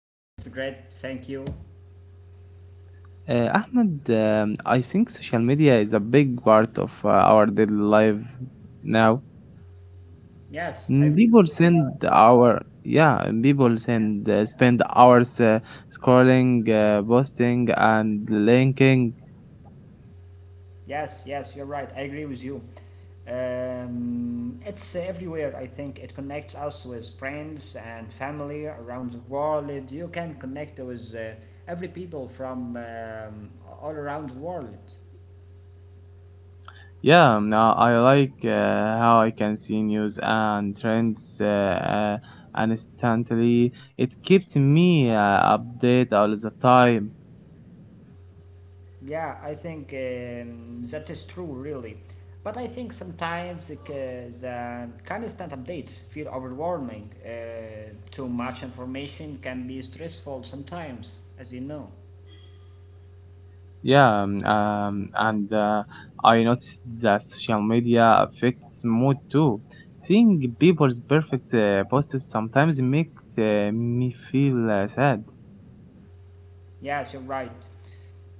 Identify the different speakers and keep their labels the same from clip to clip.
Speaker 1: I am fine. It's great. Thank you.
Speaker 2: Ahmed, I think social media is a big part of our daily life now.
Speaker 1: Yes, I
Speaker 2: People
Speaker 1: agree with
Speaker 2: send
Speaker 1: you.
Speaker 2: our yeah, and people send spend hours scrolling, posting, and linking.
Speaker 1: Yes, yes, you're right. I agree with you. It's everywhere. I think it connects us with friends and family around the world. You can connect with every people from all around the world.
Speaker 2: Yeah, now I like how I can see news and trends instantly. It keeps me updated all the time.
Speaker 1: Yeah, I think that is true, really. But I think sometimes the constant updates feel overwhelming. Too much information can be stressful sometimes, as you know.
Speaker 2: Yeah, and I noticed that social media affects mood too. Seeing people's perfect posts sometimes makes me feel sad.
Speaker 1: Yes, you're right.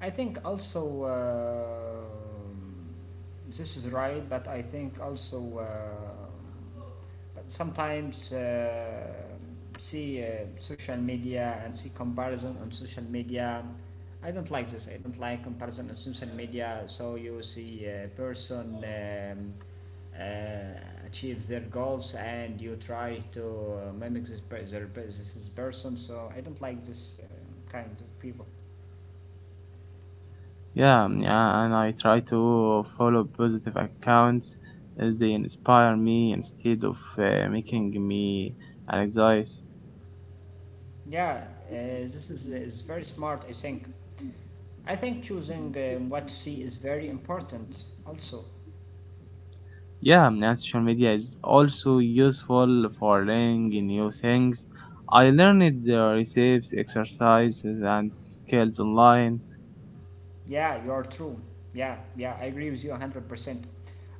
Speaker 1: I think also this is right, but I think also, but sometimes see social media and see comparison on social media. I don't like this. I don't like comparison on social media. So you see a person achieve their goals and you try to mimic this is person. So I don't like this kind of people.
Speaker 2: Yeah, yeah, and I try to follow positive accounts as they inspire me instead of making me anxious.
Speaker 1: Yeah, this is very smart, I think. I think choosing what to see is very important also.
Speaker 2: Yeah, now social media is also useful for learning new things. I learned the recipes, exercises, and skills online.
Speaker 1: Yeah, you're true. Yeah, yeah, I agree with you 100%.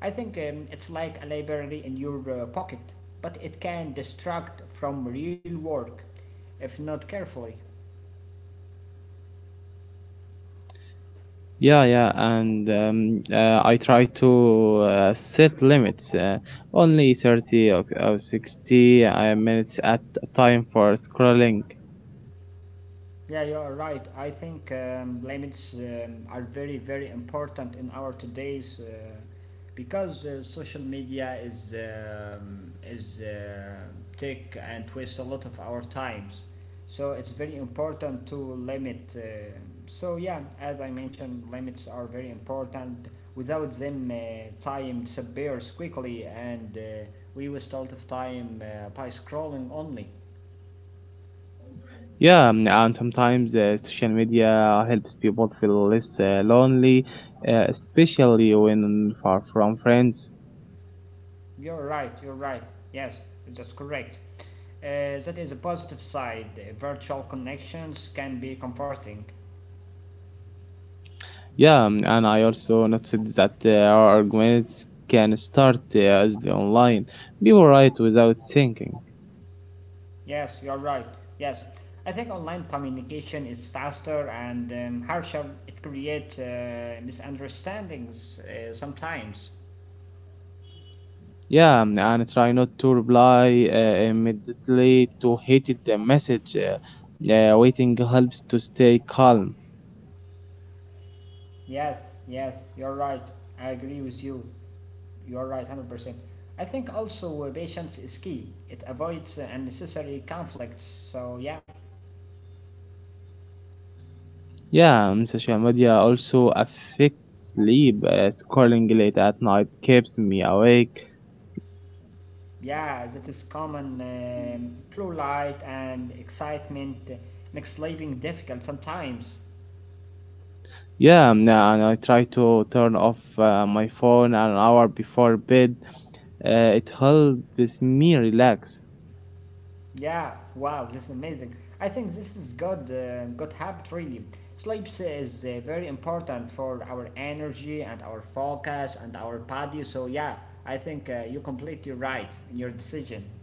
Speaker 1: I think it's like a library in your pocket, but it can distract from real work if not carefully.
Speaker 2: Yeah, yeah, and I try to set limits, only 30 or 60 minutes at a time for scrolling.
Speaker 1: Yeah, you are right. I think limits are very, very important in our today's because social media is take and waste a lot of our times. So it's very important to limit. So yeah, as I mentioned, limits are very important. Without them, time disappears quickly, and we waste a lot of time by scrolling only.
Speaker 2: Yeah, and sometimes social media helps people feel less lonely, especially when far from friends.
Speaker 1: You're right, you're right. Yes, that's correct. That is a positive side. Virtual connections can be comforting.
Speaker 2: Yeah, and I also noticed that our arguments can start as the online. People write without thinking.
Speaker 1: Yes, you're right. Yes, I think online communication is faster and harsher. It creates misunderstandings sometimes.
Speaker 2: Yeah, and try not to reply immediately to hated the message. Waiting helps to stay calm.
Speaker 1: Yes, yes, you're right. I agree with you. You're right, 100%. I think also patience is key. It avoids unnecessary conflicts. So, yeah.
Speaker 2: Yeah, social media also affects sleep. Scrolling late at night keeps me awake.
Speaker 1: Yeah, that is common. Blue light and excitement makes sleeping difficult sometimes.
Speaker 2: Yeah, and I try to turn off my phone an hour before bed. It helps me relax.
Speaker 1: Yeah, wow, this is amazing. I think this is good habit really. Sleep is very important for our energy and our focus and our body. So yeah, I think you're completely right in your decision.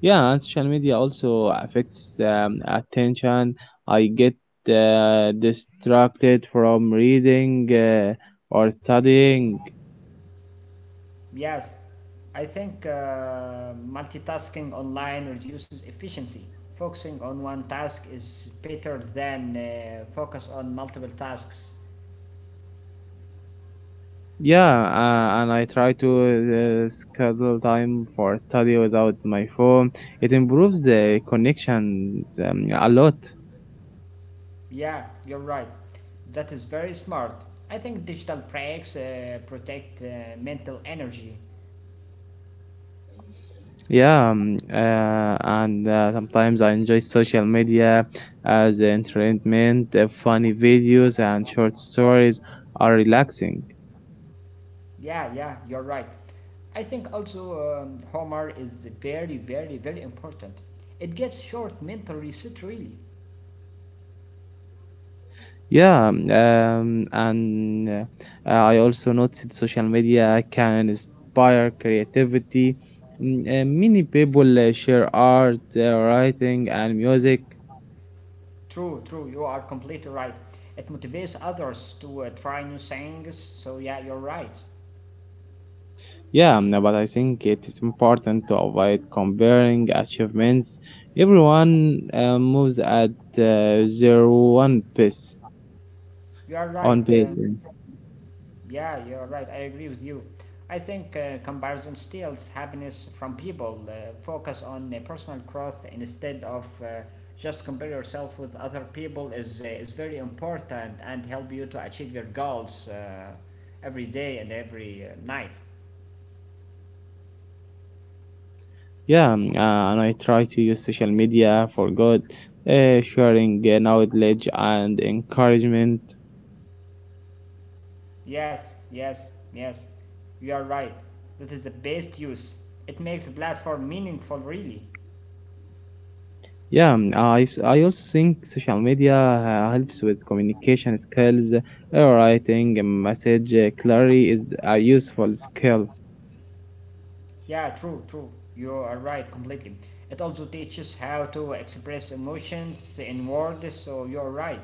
Speaker 2: Yeah, and social media also affects attention. I get distracted from reading or studying.
Speaker 1: Yes, I think multitasking online reduces efficiency. Focusing on one task is better than focus on multiple tasks.
Speaker 2: Yeah, and I try to schedule time for study without my phone. It improves the connection a lot.
Speaker 1: Yeah, you're right. That is very smart. I think digital breaks protect mental energy.
Speaker 2: Yeah, and sometimes I enjoy social media as entertainment. Funny videos and short stories are relaxing.
Speaker 1: Yeah, yeah, you're right. I think also Homer is very, very, very important. It gives short mental reset really.
Speaker 2: Yeah, and I also noticed social media can inspire creativity. Many people share art, writing, and music.
Speaker 1: True, true. You are completely right. It motivates others to try new things. So yeah, you're right.
Speaker 2: Yeah, no, but I think it is important to avoid comparing achievements. Everyone moves at their one pace,
Speaker 1: You are right.
Speaker 2: on pace. Mm.
Speaker 1: Yeah, you're right. I agree with you. I think comparison steals happiness from people. Focus on personal growth instead of just compare yourself with other people is very important and help you to achieve your goals every day and every night.
Speaker 2: Yeah, and I try to use social media for good, sharing knowledge and encouragement.
Speaker 1: Yes, yes, yes. You are right. That is the best use. It makes the platform meaningful, really.
Speaker 2: Yeah, I also think social media helps with communication skills. Writing a message clearly is a useful skill.
Speaker 1: Yeah, true, true. You are right completely. It also teaches how to express emotions in words, so you're right.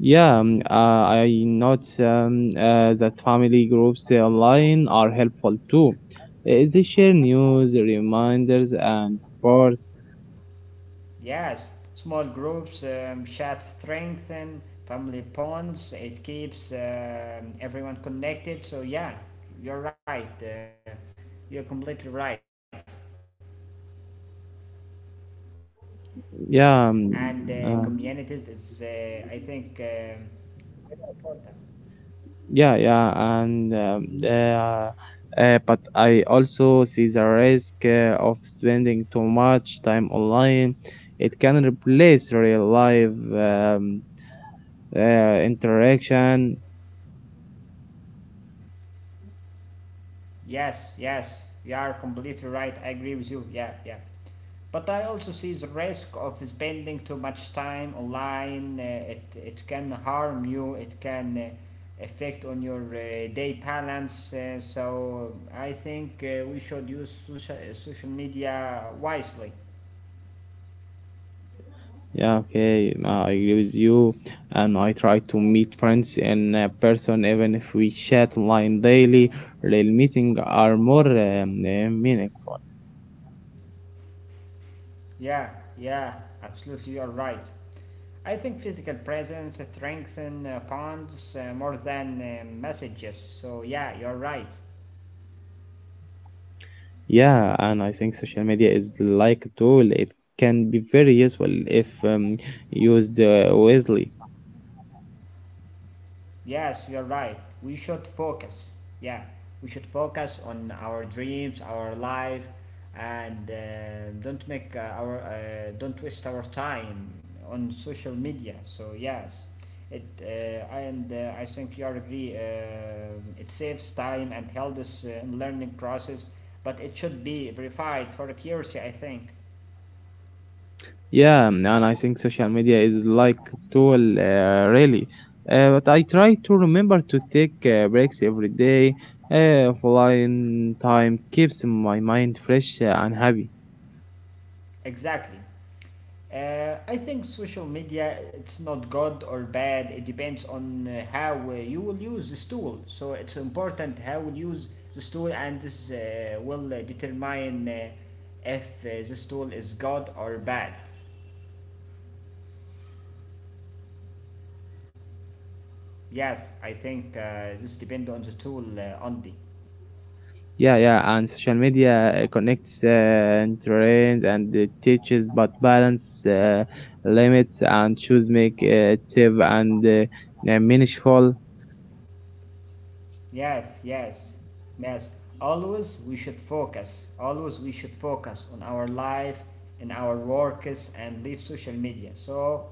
Speaker 2: Yeah, I note that family groups online are helpful too. They share news, reminders, and support.
Speaker 1: Yes, small groups, shared strength, family bonds. It keeps everyone connected, so yeah, you're right. You're completely right.
Speaker 2: Yeah,
Speaker 1: And
Speaker 2: uh,
Speaker 1: communities is, I think, um, very important.
Speaker 2: yeah, yeah, and But I also see the risk of spending too much time online. It can replace real life interaction.
Speaker 1: Yes, yes, you are completely right. I agree with you. Yeah, yeah. But I also see the risk of spending too much time online. It can harm you. It can affect on your day balance. So I think we should use social media wisely.
Speaker 2: Yeah, okay, I agree with you. And I try to meet friends in person, even if we chat online daily. Real meetings are more meaningful.
Speaker 1: Yeah, yeah, absolutely, you're right. I think physical presence strengthens bonds more than messages. So yeah, you're right.
Speaker 2: Yeah, and I think social media is like a tool. It can be very useful if used wisely.
Speaker 1: Yes, you're right. We should focus. Yeah, we should focus on our dreams, our life, and don't waste our time on social media. So yes, it and I think you are agree. It saves time and helps us in learning process, but it should be verified for accuracy, I think.
Speaker 2: Yeah, and I think social media is like tool really. But I try to remember to take breaks every day. Offline time keeps my mind fresh and happy.
Speaker 1: Exactly. I think social media it's not good or bad. It depends on how you will use this tool. So it's important how we use this tool, and this will determine if this tool is good or bad. Yes, I think this depends on the tool only.
Speaker 2: Yeah, yeah, and social media connects and trains and it teaches, but balance, limits and choose make it safe and meaningful.
Speaker 1: Yes, yes, yes. Always we should focus. Always we should focus on our life and our works and leave social media. So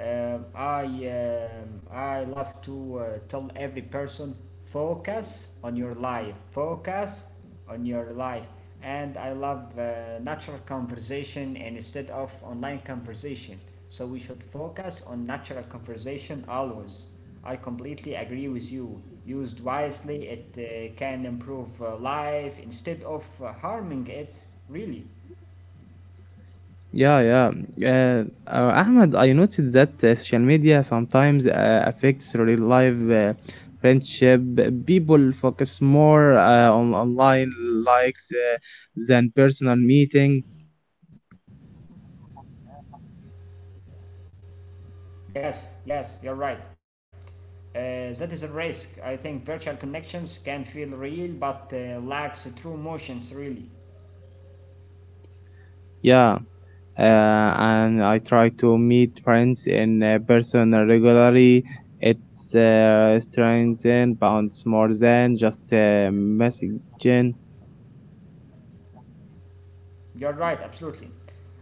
Speaker 1: um, I I love to tell every person focus on your life. Focus on your life. And I love natural conversation instead of online conversation. So we should focus on natural conversation always. I completely agree with you. Used wisely, it can improve life instead of harming it, really.
Speaker 2: Yeah, yeah. Ahmed, I noticed that social media sometimes affects real life friendship. People focus more on online likes than personal meeting.
Speaker 1: Yes, yes, you're right. That is a risk. I think virtual connections can feel real but lacks true emotions, really.
Speaker 2: Yeah, and I try to meet friends in person regularly. It strengthens bonds more than just messaging.
Speaker 1: You're right, absolutely.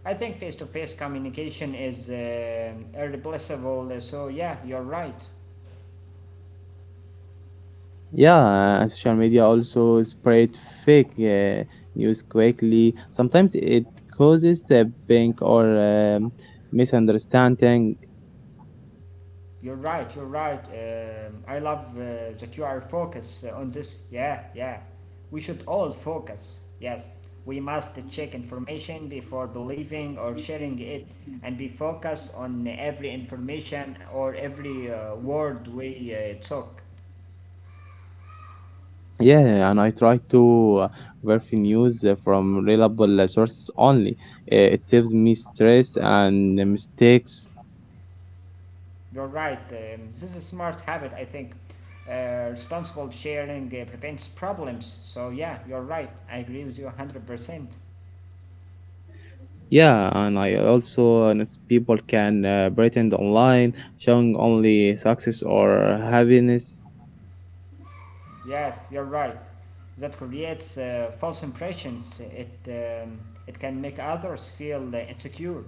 Speaker 1: I think face to face communication is irreplaceable. So, yeah, you're right.
Speaker 2: Yeah, social media also spread fake news quickly. Sometimes it causes a panic or misunderstanding.
Speaker 1: You're right, you're right. I love that you are focused on this. Yeah, yeah. We should all focus. Yes. We must check information before believing or sharing it and be focused on every information or every word we talk.
Speaker 2: Yeah, and I try to verify news from reliable sources only. It saves me stress and mistakes.
Speaker 1: You're right. This is a smart habit, I think. Responsible sharing prevents problems. So, yeah, you're right. I agree with you 100%.
Speaker 2: Yeah, and I also notice people can pretend online, showing only success or happiness.
Speaker 1: Yes, you're right. That creates false impressions. It can make others feel insecure.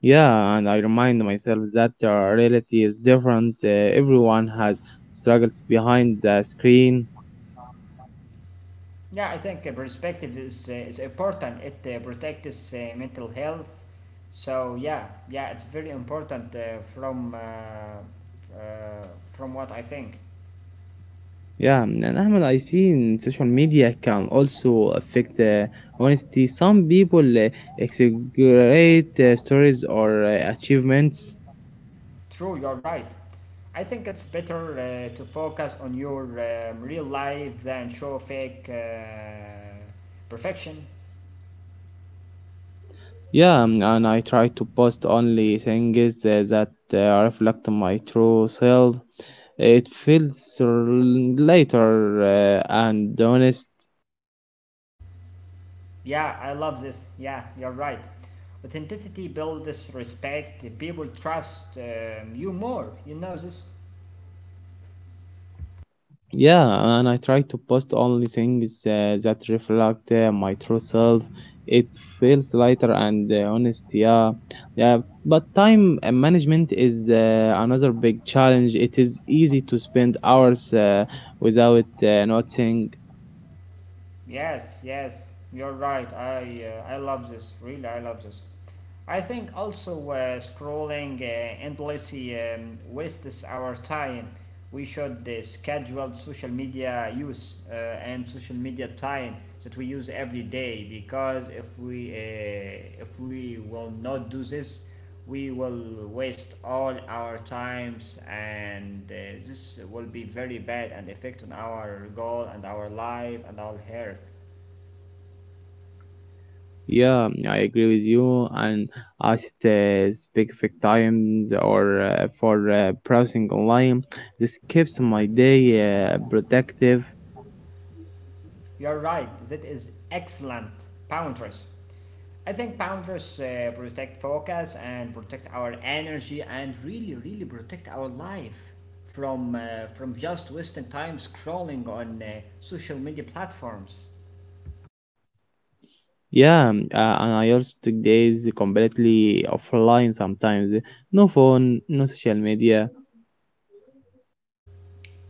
Speaker 2: Yeah, and I remind myself that the reality is different. Everyone has struggles behind the screen.
Speaker 1: Yeah, I think perspective is important. It protects mental health. So, yeah, yeah, it's very important from what I think.
Speaker 2: Yeah, and Ahmed, I see in social media can also affect honesty. Some people exaggerate stories or achievements.
Speaker 1: True, you're right. I think it's better to focus on your real life than show fake perfection.
Speaker 2: Yeah, and I try to post only things that reflect my true self. It feels r- later and honest.
Speaker 1: Yeah, I love this. Yeah, you're right. Authenticity builds respect, people trust you more. You know this.
Speaker 2: Yeah, and I try to post only things that reflect my true self. It feels lighter and honest, yeah. Yeah, but time management is another big challenge. It is easy to spend hours without noticing.
Speaker 1: Yes, yes, you're right. I love this. Really, I love this. I think also scrolling endlessly wastes our time. We should schedule social media use and social media time that we use every day because if we will not do this, we will waste all our times and this will be very bad and affect on our goal and our life and our health.
Speaker 2: Yeah, yeah, I agree with you. And I set specific times or for browsing online. This keeps my day productive.
Speaker 1: You're right, that is excellent. Boundaries. I think boundaries protect focus and protect our energy and really really protect our life from just wasting time scrolling on social media platforms.
Speaker 2: Yeah, and I also took days completely offline sometimes. No phone, no social media.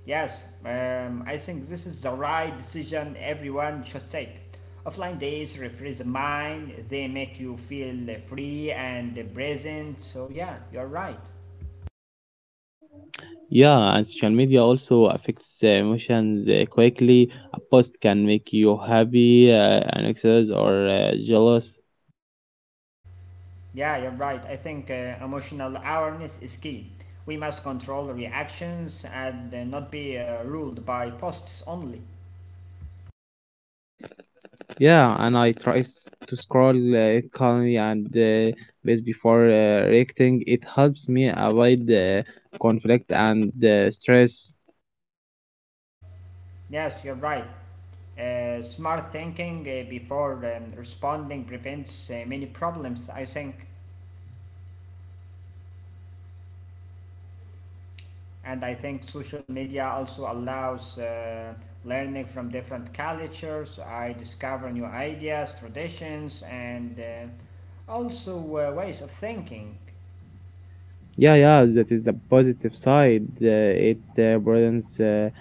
Speaker 1: Yes, I think this is the right decision everyone should take. Offline days refresh the mind, they make you feel free and present, so yeah, you're right.
Speaker 2: Yeah, and social media also affects the emotions quickly. A post can make you happy, anxious, or jealous.
Speaker 1: Yeah, you're right. I think emotional awareness is key. We must control reactions and not be ruled by posts only.
Speaker 2: Yeah, and I try to scroll calmly and base before reacting. It helps me avoid conflict and stress.
Speaker 1: Yes, you're right. Smart thinking before responding prevents many problems, I think. And I think social media also allows learning from different cultures. I discover new ideas, traditions, and also ways of thinking.
Speaker 2: Yeah, yeah, that is the positive side. It broadens uh,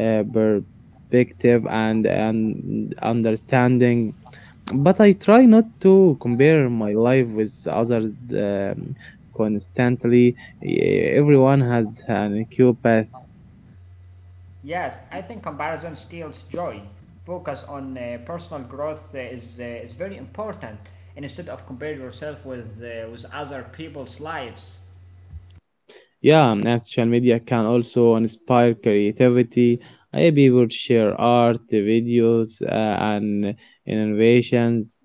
Speaker 2: uh, perspective and understanding. But I try not to compare my life with others constantly. Everyone has an equal path.
Speaker 1: Yes, I think comparison steals joy. Focus on personal growth is very important, and instead of compare yourself with other people's lives.
Speaker 2: Yeah, and social media can also inspire creativity. I People share art, videos, and innovations.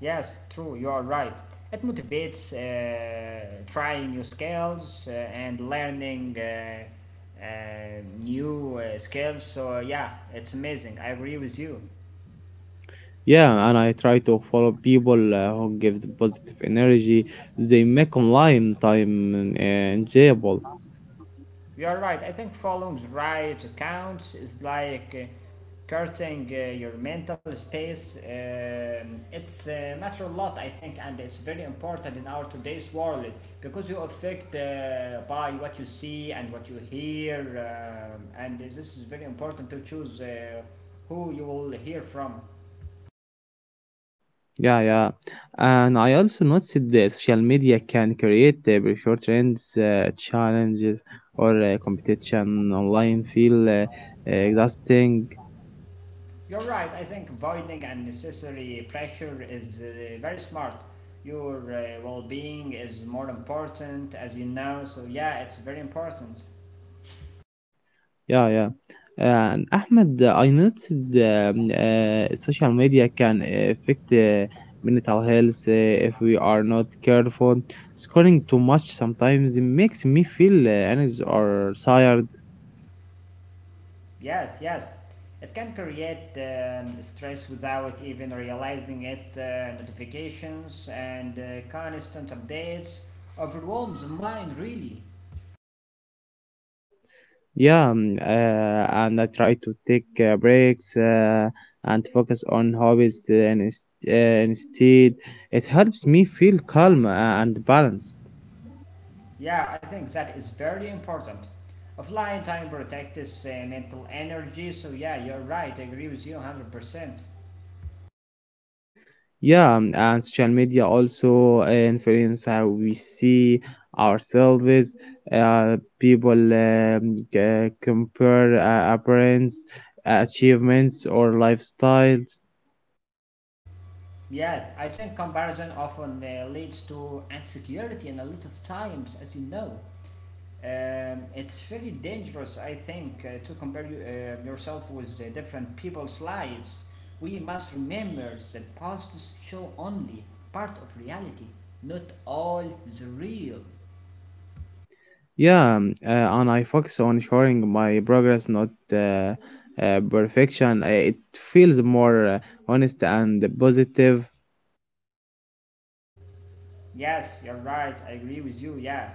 Speaker 1: Yes, true, you are right. It motivates trying new skills and learning new skills. So, yeah, it's amazing. I agree with you.
Speaker 2: Yeah, and I try to follow people who gives positive energy. They make online time enjoyable.
Speaker 1: You're right. I think following the right accounts is like curting your mental space. It's matter a lot, I think, and it's very important in our today's world because you affect by what you see and what you hear, and this is very important to choose who you will hear from.
Speaker 2: Yeah, yeah. And I also noticed that social media can create prefer trends, challenges, or competition online feel exhausting.
Speaker 1: You're right. I think avoiding unnecessary pressure is very smart. Your well-being is more important, as you know. So yeah, it's very important.
Speaker 2: Yeah, yeah. And Ahmed, I noticed social media can affect mental health if we are not careful. Scrolling too much sometimes makes me feel anxious or tired.
Speaker 1: Yes, yes. It can create stress without even realizing it. Notifications and constant updates overwhelms the mind. Really.
Speaker 2: Yeah, and I try to take breaks and focus on hobbies t- and is- instead. It helps me feel calm and balanced.
Speaker 1: Yeah, I think that is very important. Offline time protects mental energy. So yeah, you're right. I agree with you 100%.
Speaker 2: Yeah, and social media also influence how we see ourselves. People compare appearance, achievements, or lifestyles.
Speaker 1: Yes, I think comparison often leads to insecurity and a lot of times, as you know. It's very dangerous, I think, to compare yourself with different people's lives. We must remember that posts show only part of reality, not all the real.
Speaker 2: Yeah, and I focus on showing my progress, not perfection. It feels more honest and positive.
Speaker 1: Yes, you're right. I agree with you. Yeah,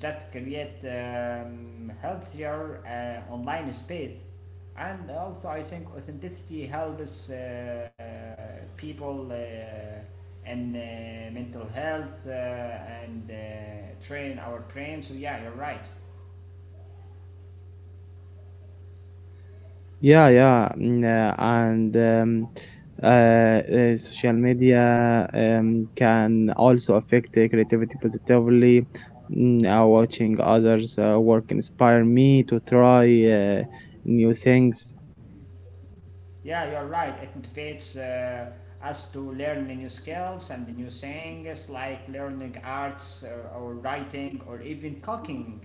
Speaker 1: that create healthier online space, and also I think authenticity helps people in mental health and train our brain. So yeah, you're right.
Speaker 2: Yeah, yeah, mm, and social media can also affect the creativity positively. Watching others' work inspire me to try new things.
Speaker 1: Yeah, you're right. It motivates us to learn new skills and new things like learning arts or writing or even cooking.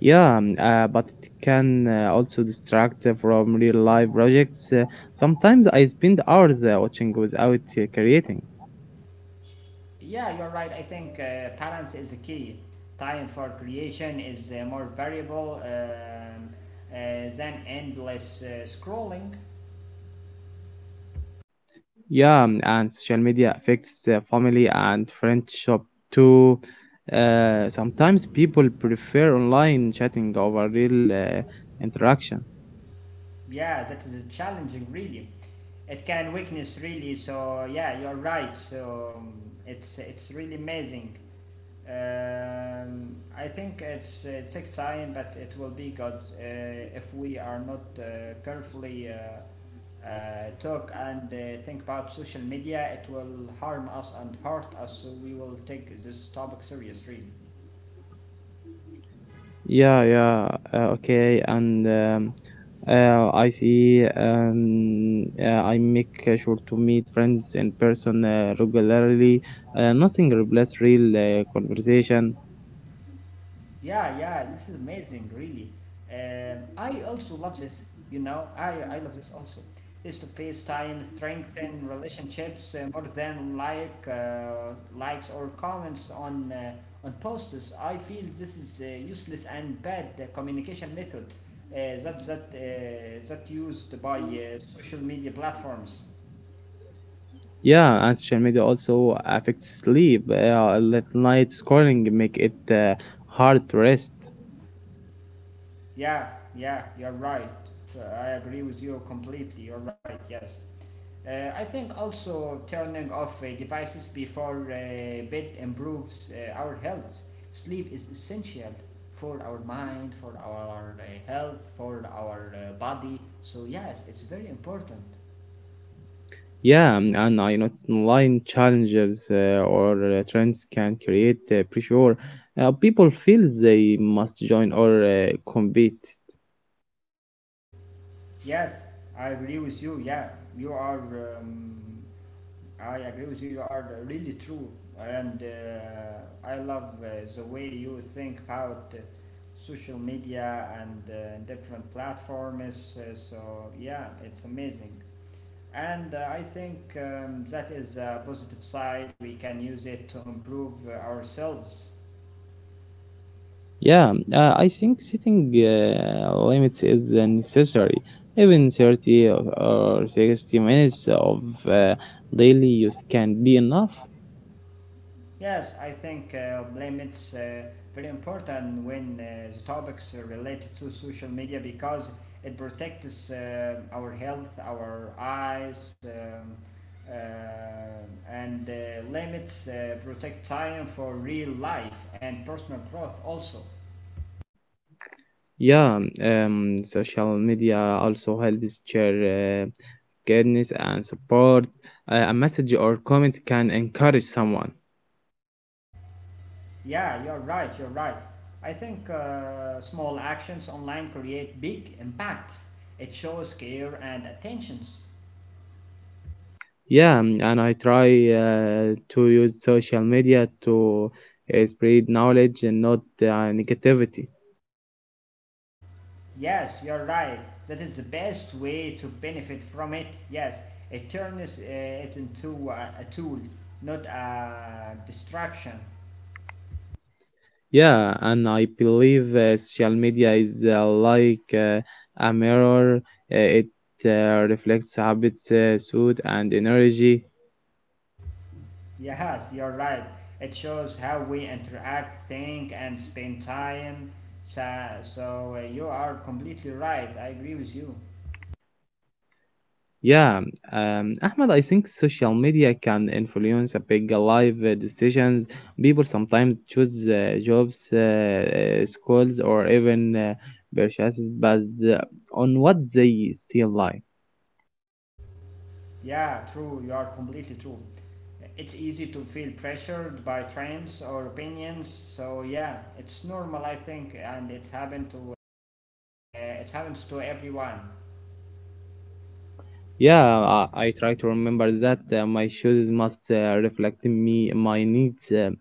Speaker 2: Yeah, but it can also distract from real life projects. Sometimes I spend hours watching without creating.
Speaker 1: Yeah, you're right. I think balance is the key. Time for creation is more variable than endless scrolling.
Speaker 2: Yeah, and social media affects family and friendship too. Sometimes people prefer online chatting over real interaction.
Speaker 1: Yeah, that is challenging really. It can weakness really, so yeah, you're right. So it's really amazing. I think it's take time, but it will be good if we are not carefully talk and think about social media, it will harm us and hurt us, so we will take this topic serious really.
Speaker 2: Yeah, yeah. Okay, and I see. I make sure to meet friends in person regularly. Nothing replaces real conversation.
Speaker 1: Yeah, yeah, this is amazing, really. I also love this, you know, I love this also. Face to face time strengthen relationships more than like likes or comments on posts. I feel this is a useless and bad communication method that used by social media platforms.
Speaker 2: Yeah, and social media also affects sleep. Late night scrolling make it hard to rest.
Speaker 1: Yeah, yeah, you're right. I agree with you completely. You're right, yes. I think also turning off devices before bed improves our health. Sleep is essential for our mind, for our health, for our body. So, yes, it's very important.
Speaker 2: Yeah, and I know online challenges or trends can create pressure. People feel they must join or compete.
Speaker 1: Yes, I agree with you. Yeah, you are. I agree with you. You are really true, and I love the way you think about social media and different platforms. So yeah, it's amazing, and I think that is a positive side. We can use it to improve ourselves.
Speaker 2: Yeah, I think setting limits is necessary. Even 30 or 60 minutes of uh, daily use can be enough.
Speaker 1: Yes, I think blame it's very important when the topics are related to social media because it protects our health, our eyes, uh, and limits protect time for real life and personal growth also.
Speaker 2: Yeah, social media also helps share kindness and support. A message or comment can encourage someone.
Speaker 1: Yeah, you're right, you're right. I think small actions online create big impacts. It shows care and attentions.
Speaker 2: Yeah, and I try to use social media to spread knowledge and not negativity.
Speaker 1: Yes, you're right. That is the best way to benefit from it. Yes, it turns it into a tool, not a distraction.
Speaker 2: Yeah, and I believe social media is like a mirror. It reflects habits, suit, and energy.
Speaker 1: Yes, you're right. It shows how we interact, think, and spend time. So you are completely right. I agree with you.
Speaker 2: Yeah, Ahmed, I think social media can influence a big life decisions. People sometimes choose jobs, schools, or even purchases based on what they see online.
Speaker 1: Yeah, true. You are completely true. It's easy to feel pressured by trends or opinions. So yeah, it's normal, I think, and it's happened to. It happens to everyone.
Speaker 2: Yeah, I try to remember that my shoes must reflect me my needs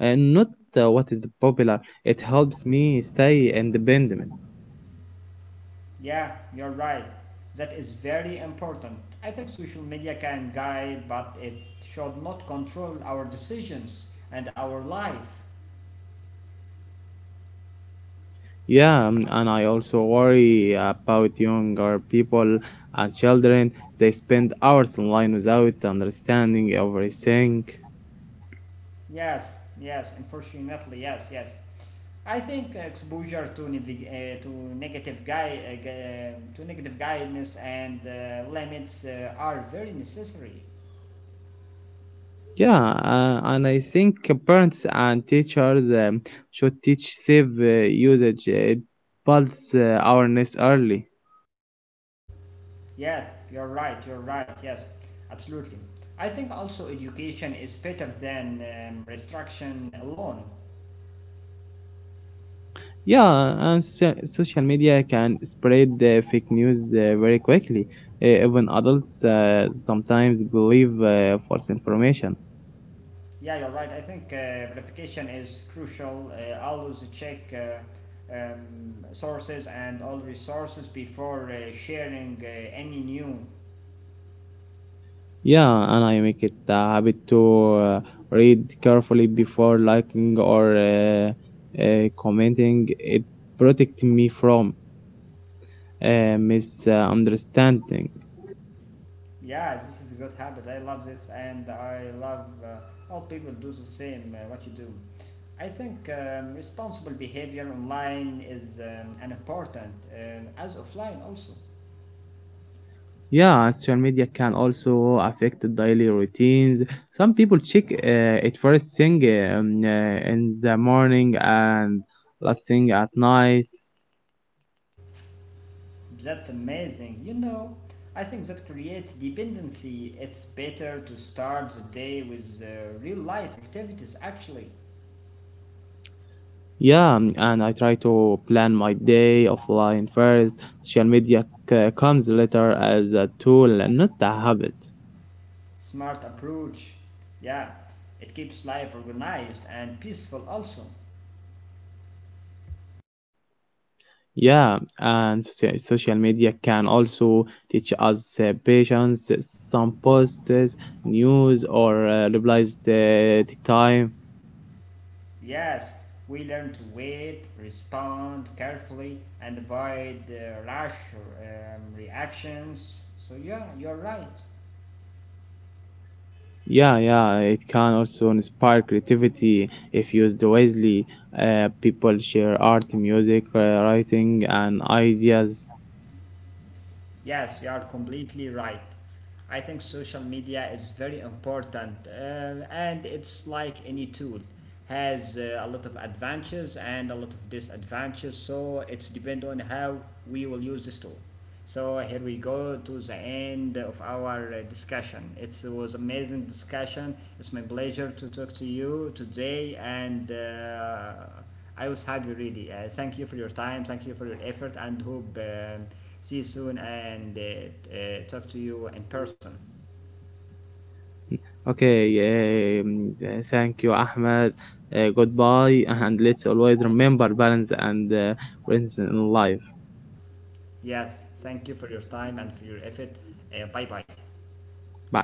Speaker 2: and not what is popular. It helps me stay independent.
Speaker 1: Yeah, you're right. That is very important. I think social media can guide, but it should not control our decisions and our life.
Speaker 2: Yeah, and I also worry about younger people and children. They spend hours online without understanding everything.
Speaker 1: Yes, yes, unfortunately, yes, yes. I think exposure to to negative guy to negative guidance and limits are very necessary.
Speaker 2: Yeah, and I think parents and teachers should teach safe usage, pulse awareness early.
Speaker 1: Yeah, you're right, yes, absolutely. I think also education is better than restriction alone.
Speaker 2: Yeah, and social media can spread the fake news very quickly. Even adults sometimes believe false information.
Speaker 1: Yeah, you're right. I think verification is crucial. Always check sources and all resources before sharing any new.
Speaker 2: Yeah, and I make it a habit to read carefully before liking or commenting. It protects me from misunderstanding.
Speaker 1: Yeah, this is a good habit. I love this, and I love all people do the same, what you do. I think responsible behavior online is an important as offline also.
Speaker 2: Yeah, social media can also affect the daily routines. Some people check it first thing in the morning and last thing at night.
Speaker 1: That's amazing. You know, I think that creates dependency. It's better to start the day with real life activities actually.
Speaker 2: Yeah, and I try to plan my day offline first. Social media comes later as a tool and not a habit.
Speaker 1: Smart approach. Yeah, it keeps life organized and peaceful also.
Speaker 2: Yeah, and social media can also teach us patience. Some posts, news, or replies take time.
Speaker 1: Yes, we learn to wait, respond carefully, and avoid rash reactions. So, yeah, you're right.
Speaker 2: Yeah, yeah, it can also inspire creativity if used wisely. People share art, music, writing, and ideas.
Speaker 1: Yes, you are completely right. I think social media is very important, and it's like any tool, has a lot of advantages and a lot of disadvantages, so it's depend on how we will use this tool. So here we go to the end of our discussion. It was amazing discussion. It's my pleasure to talk to you today, and I was happy really. Thank you for your time. Thank you for your effort and hope see you soon and talk to you in person.
Speaker 2: Okay, thank you, Ahmed. Goodbye, and let's always remember balance and presence in life.
Speaker 1: Yes, thank you for your time and for your effort. Bye bye.
Speaker 2: Bye.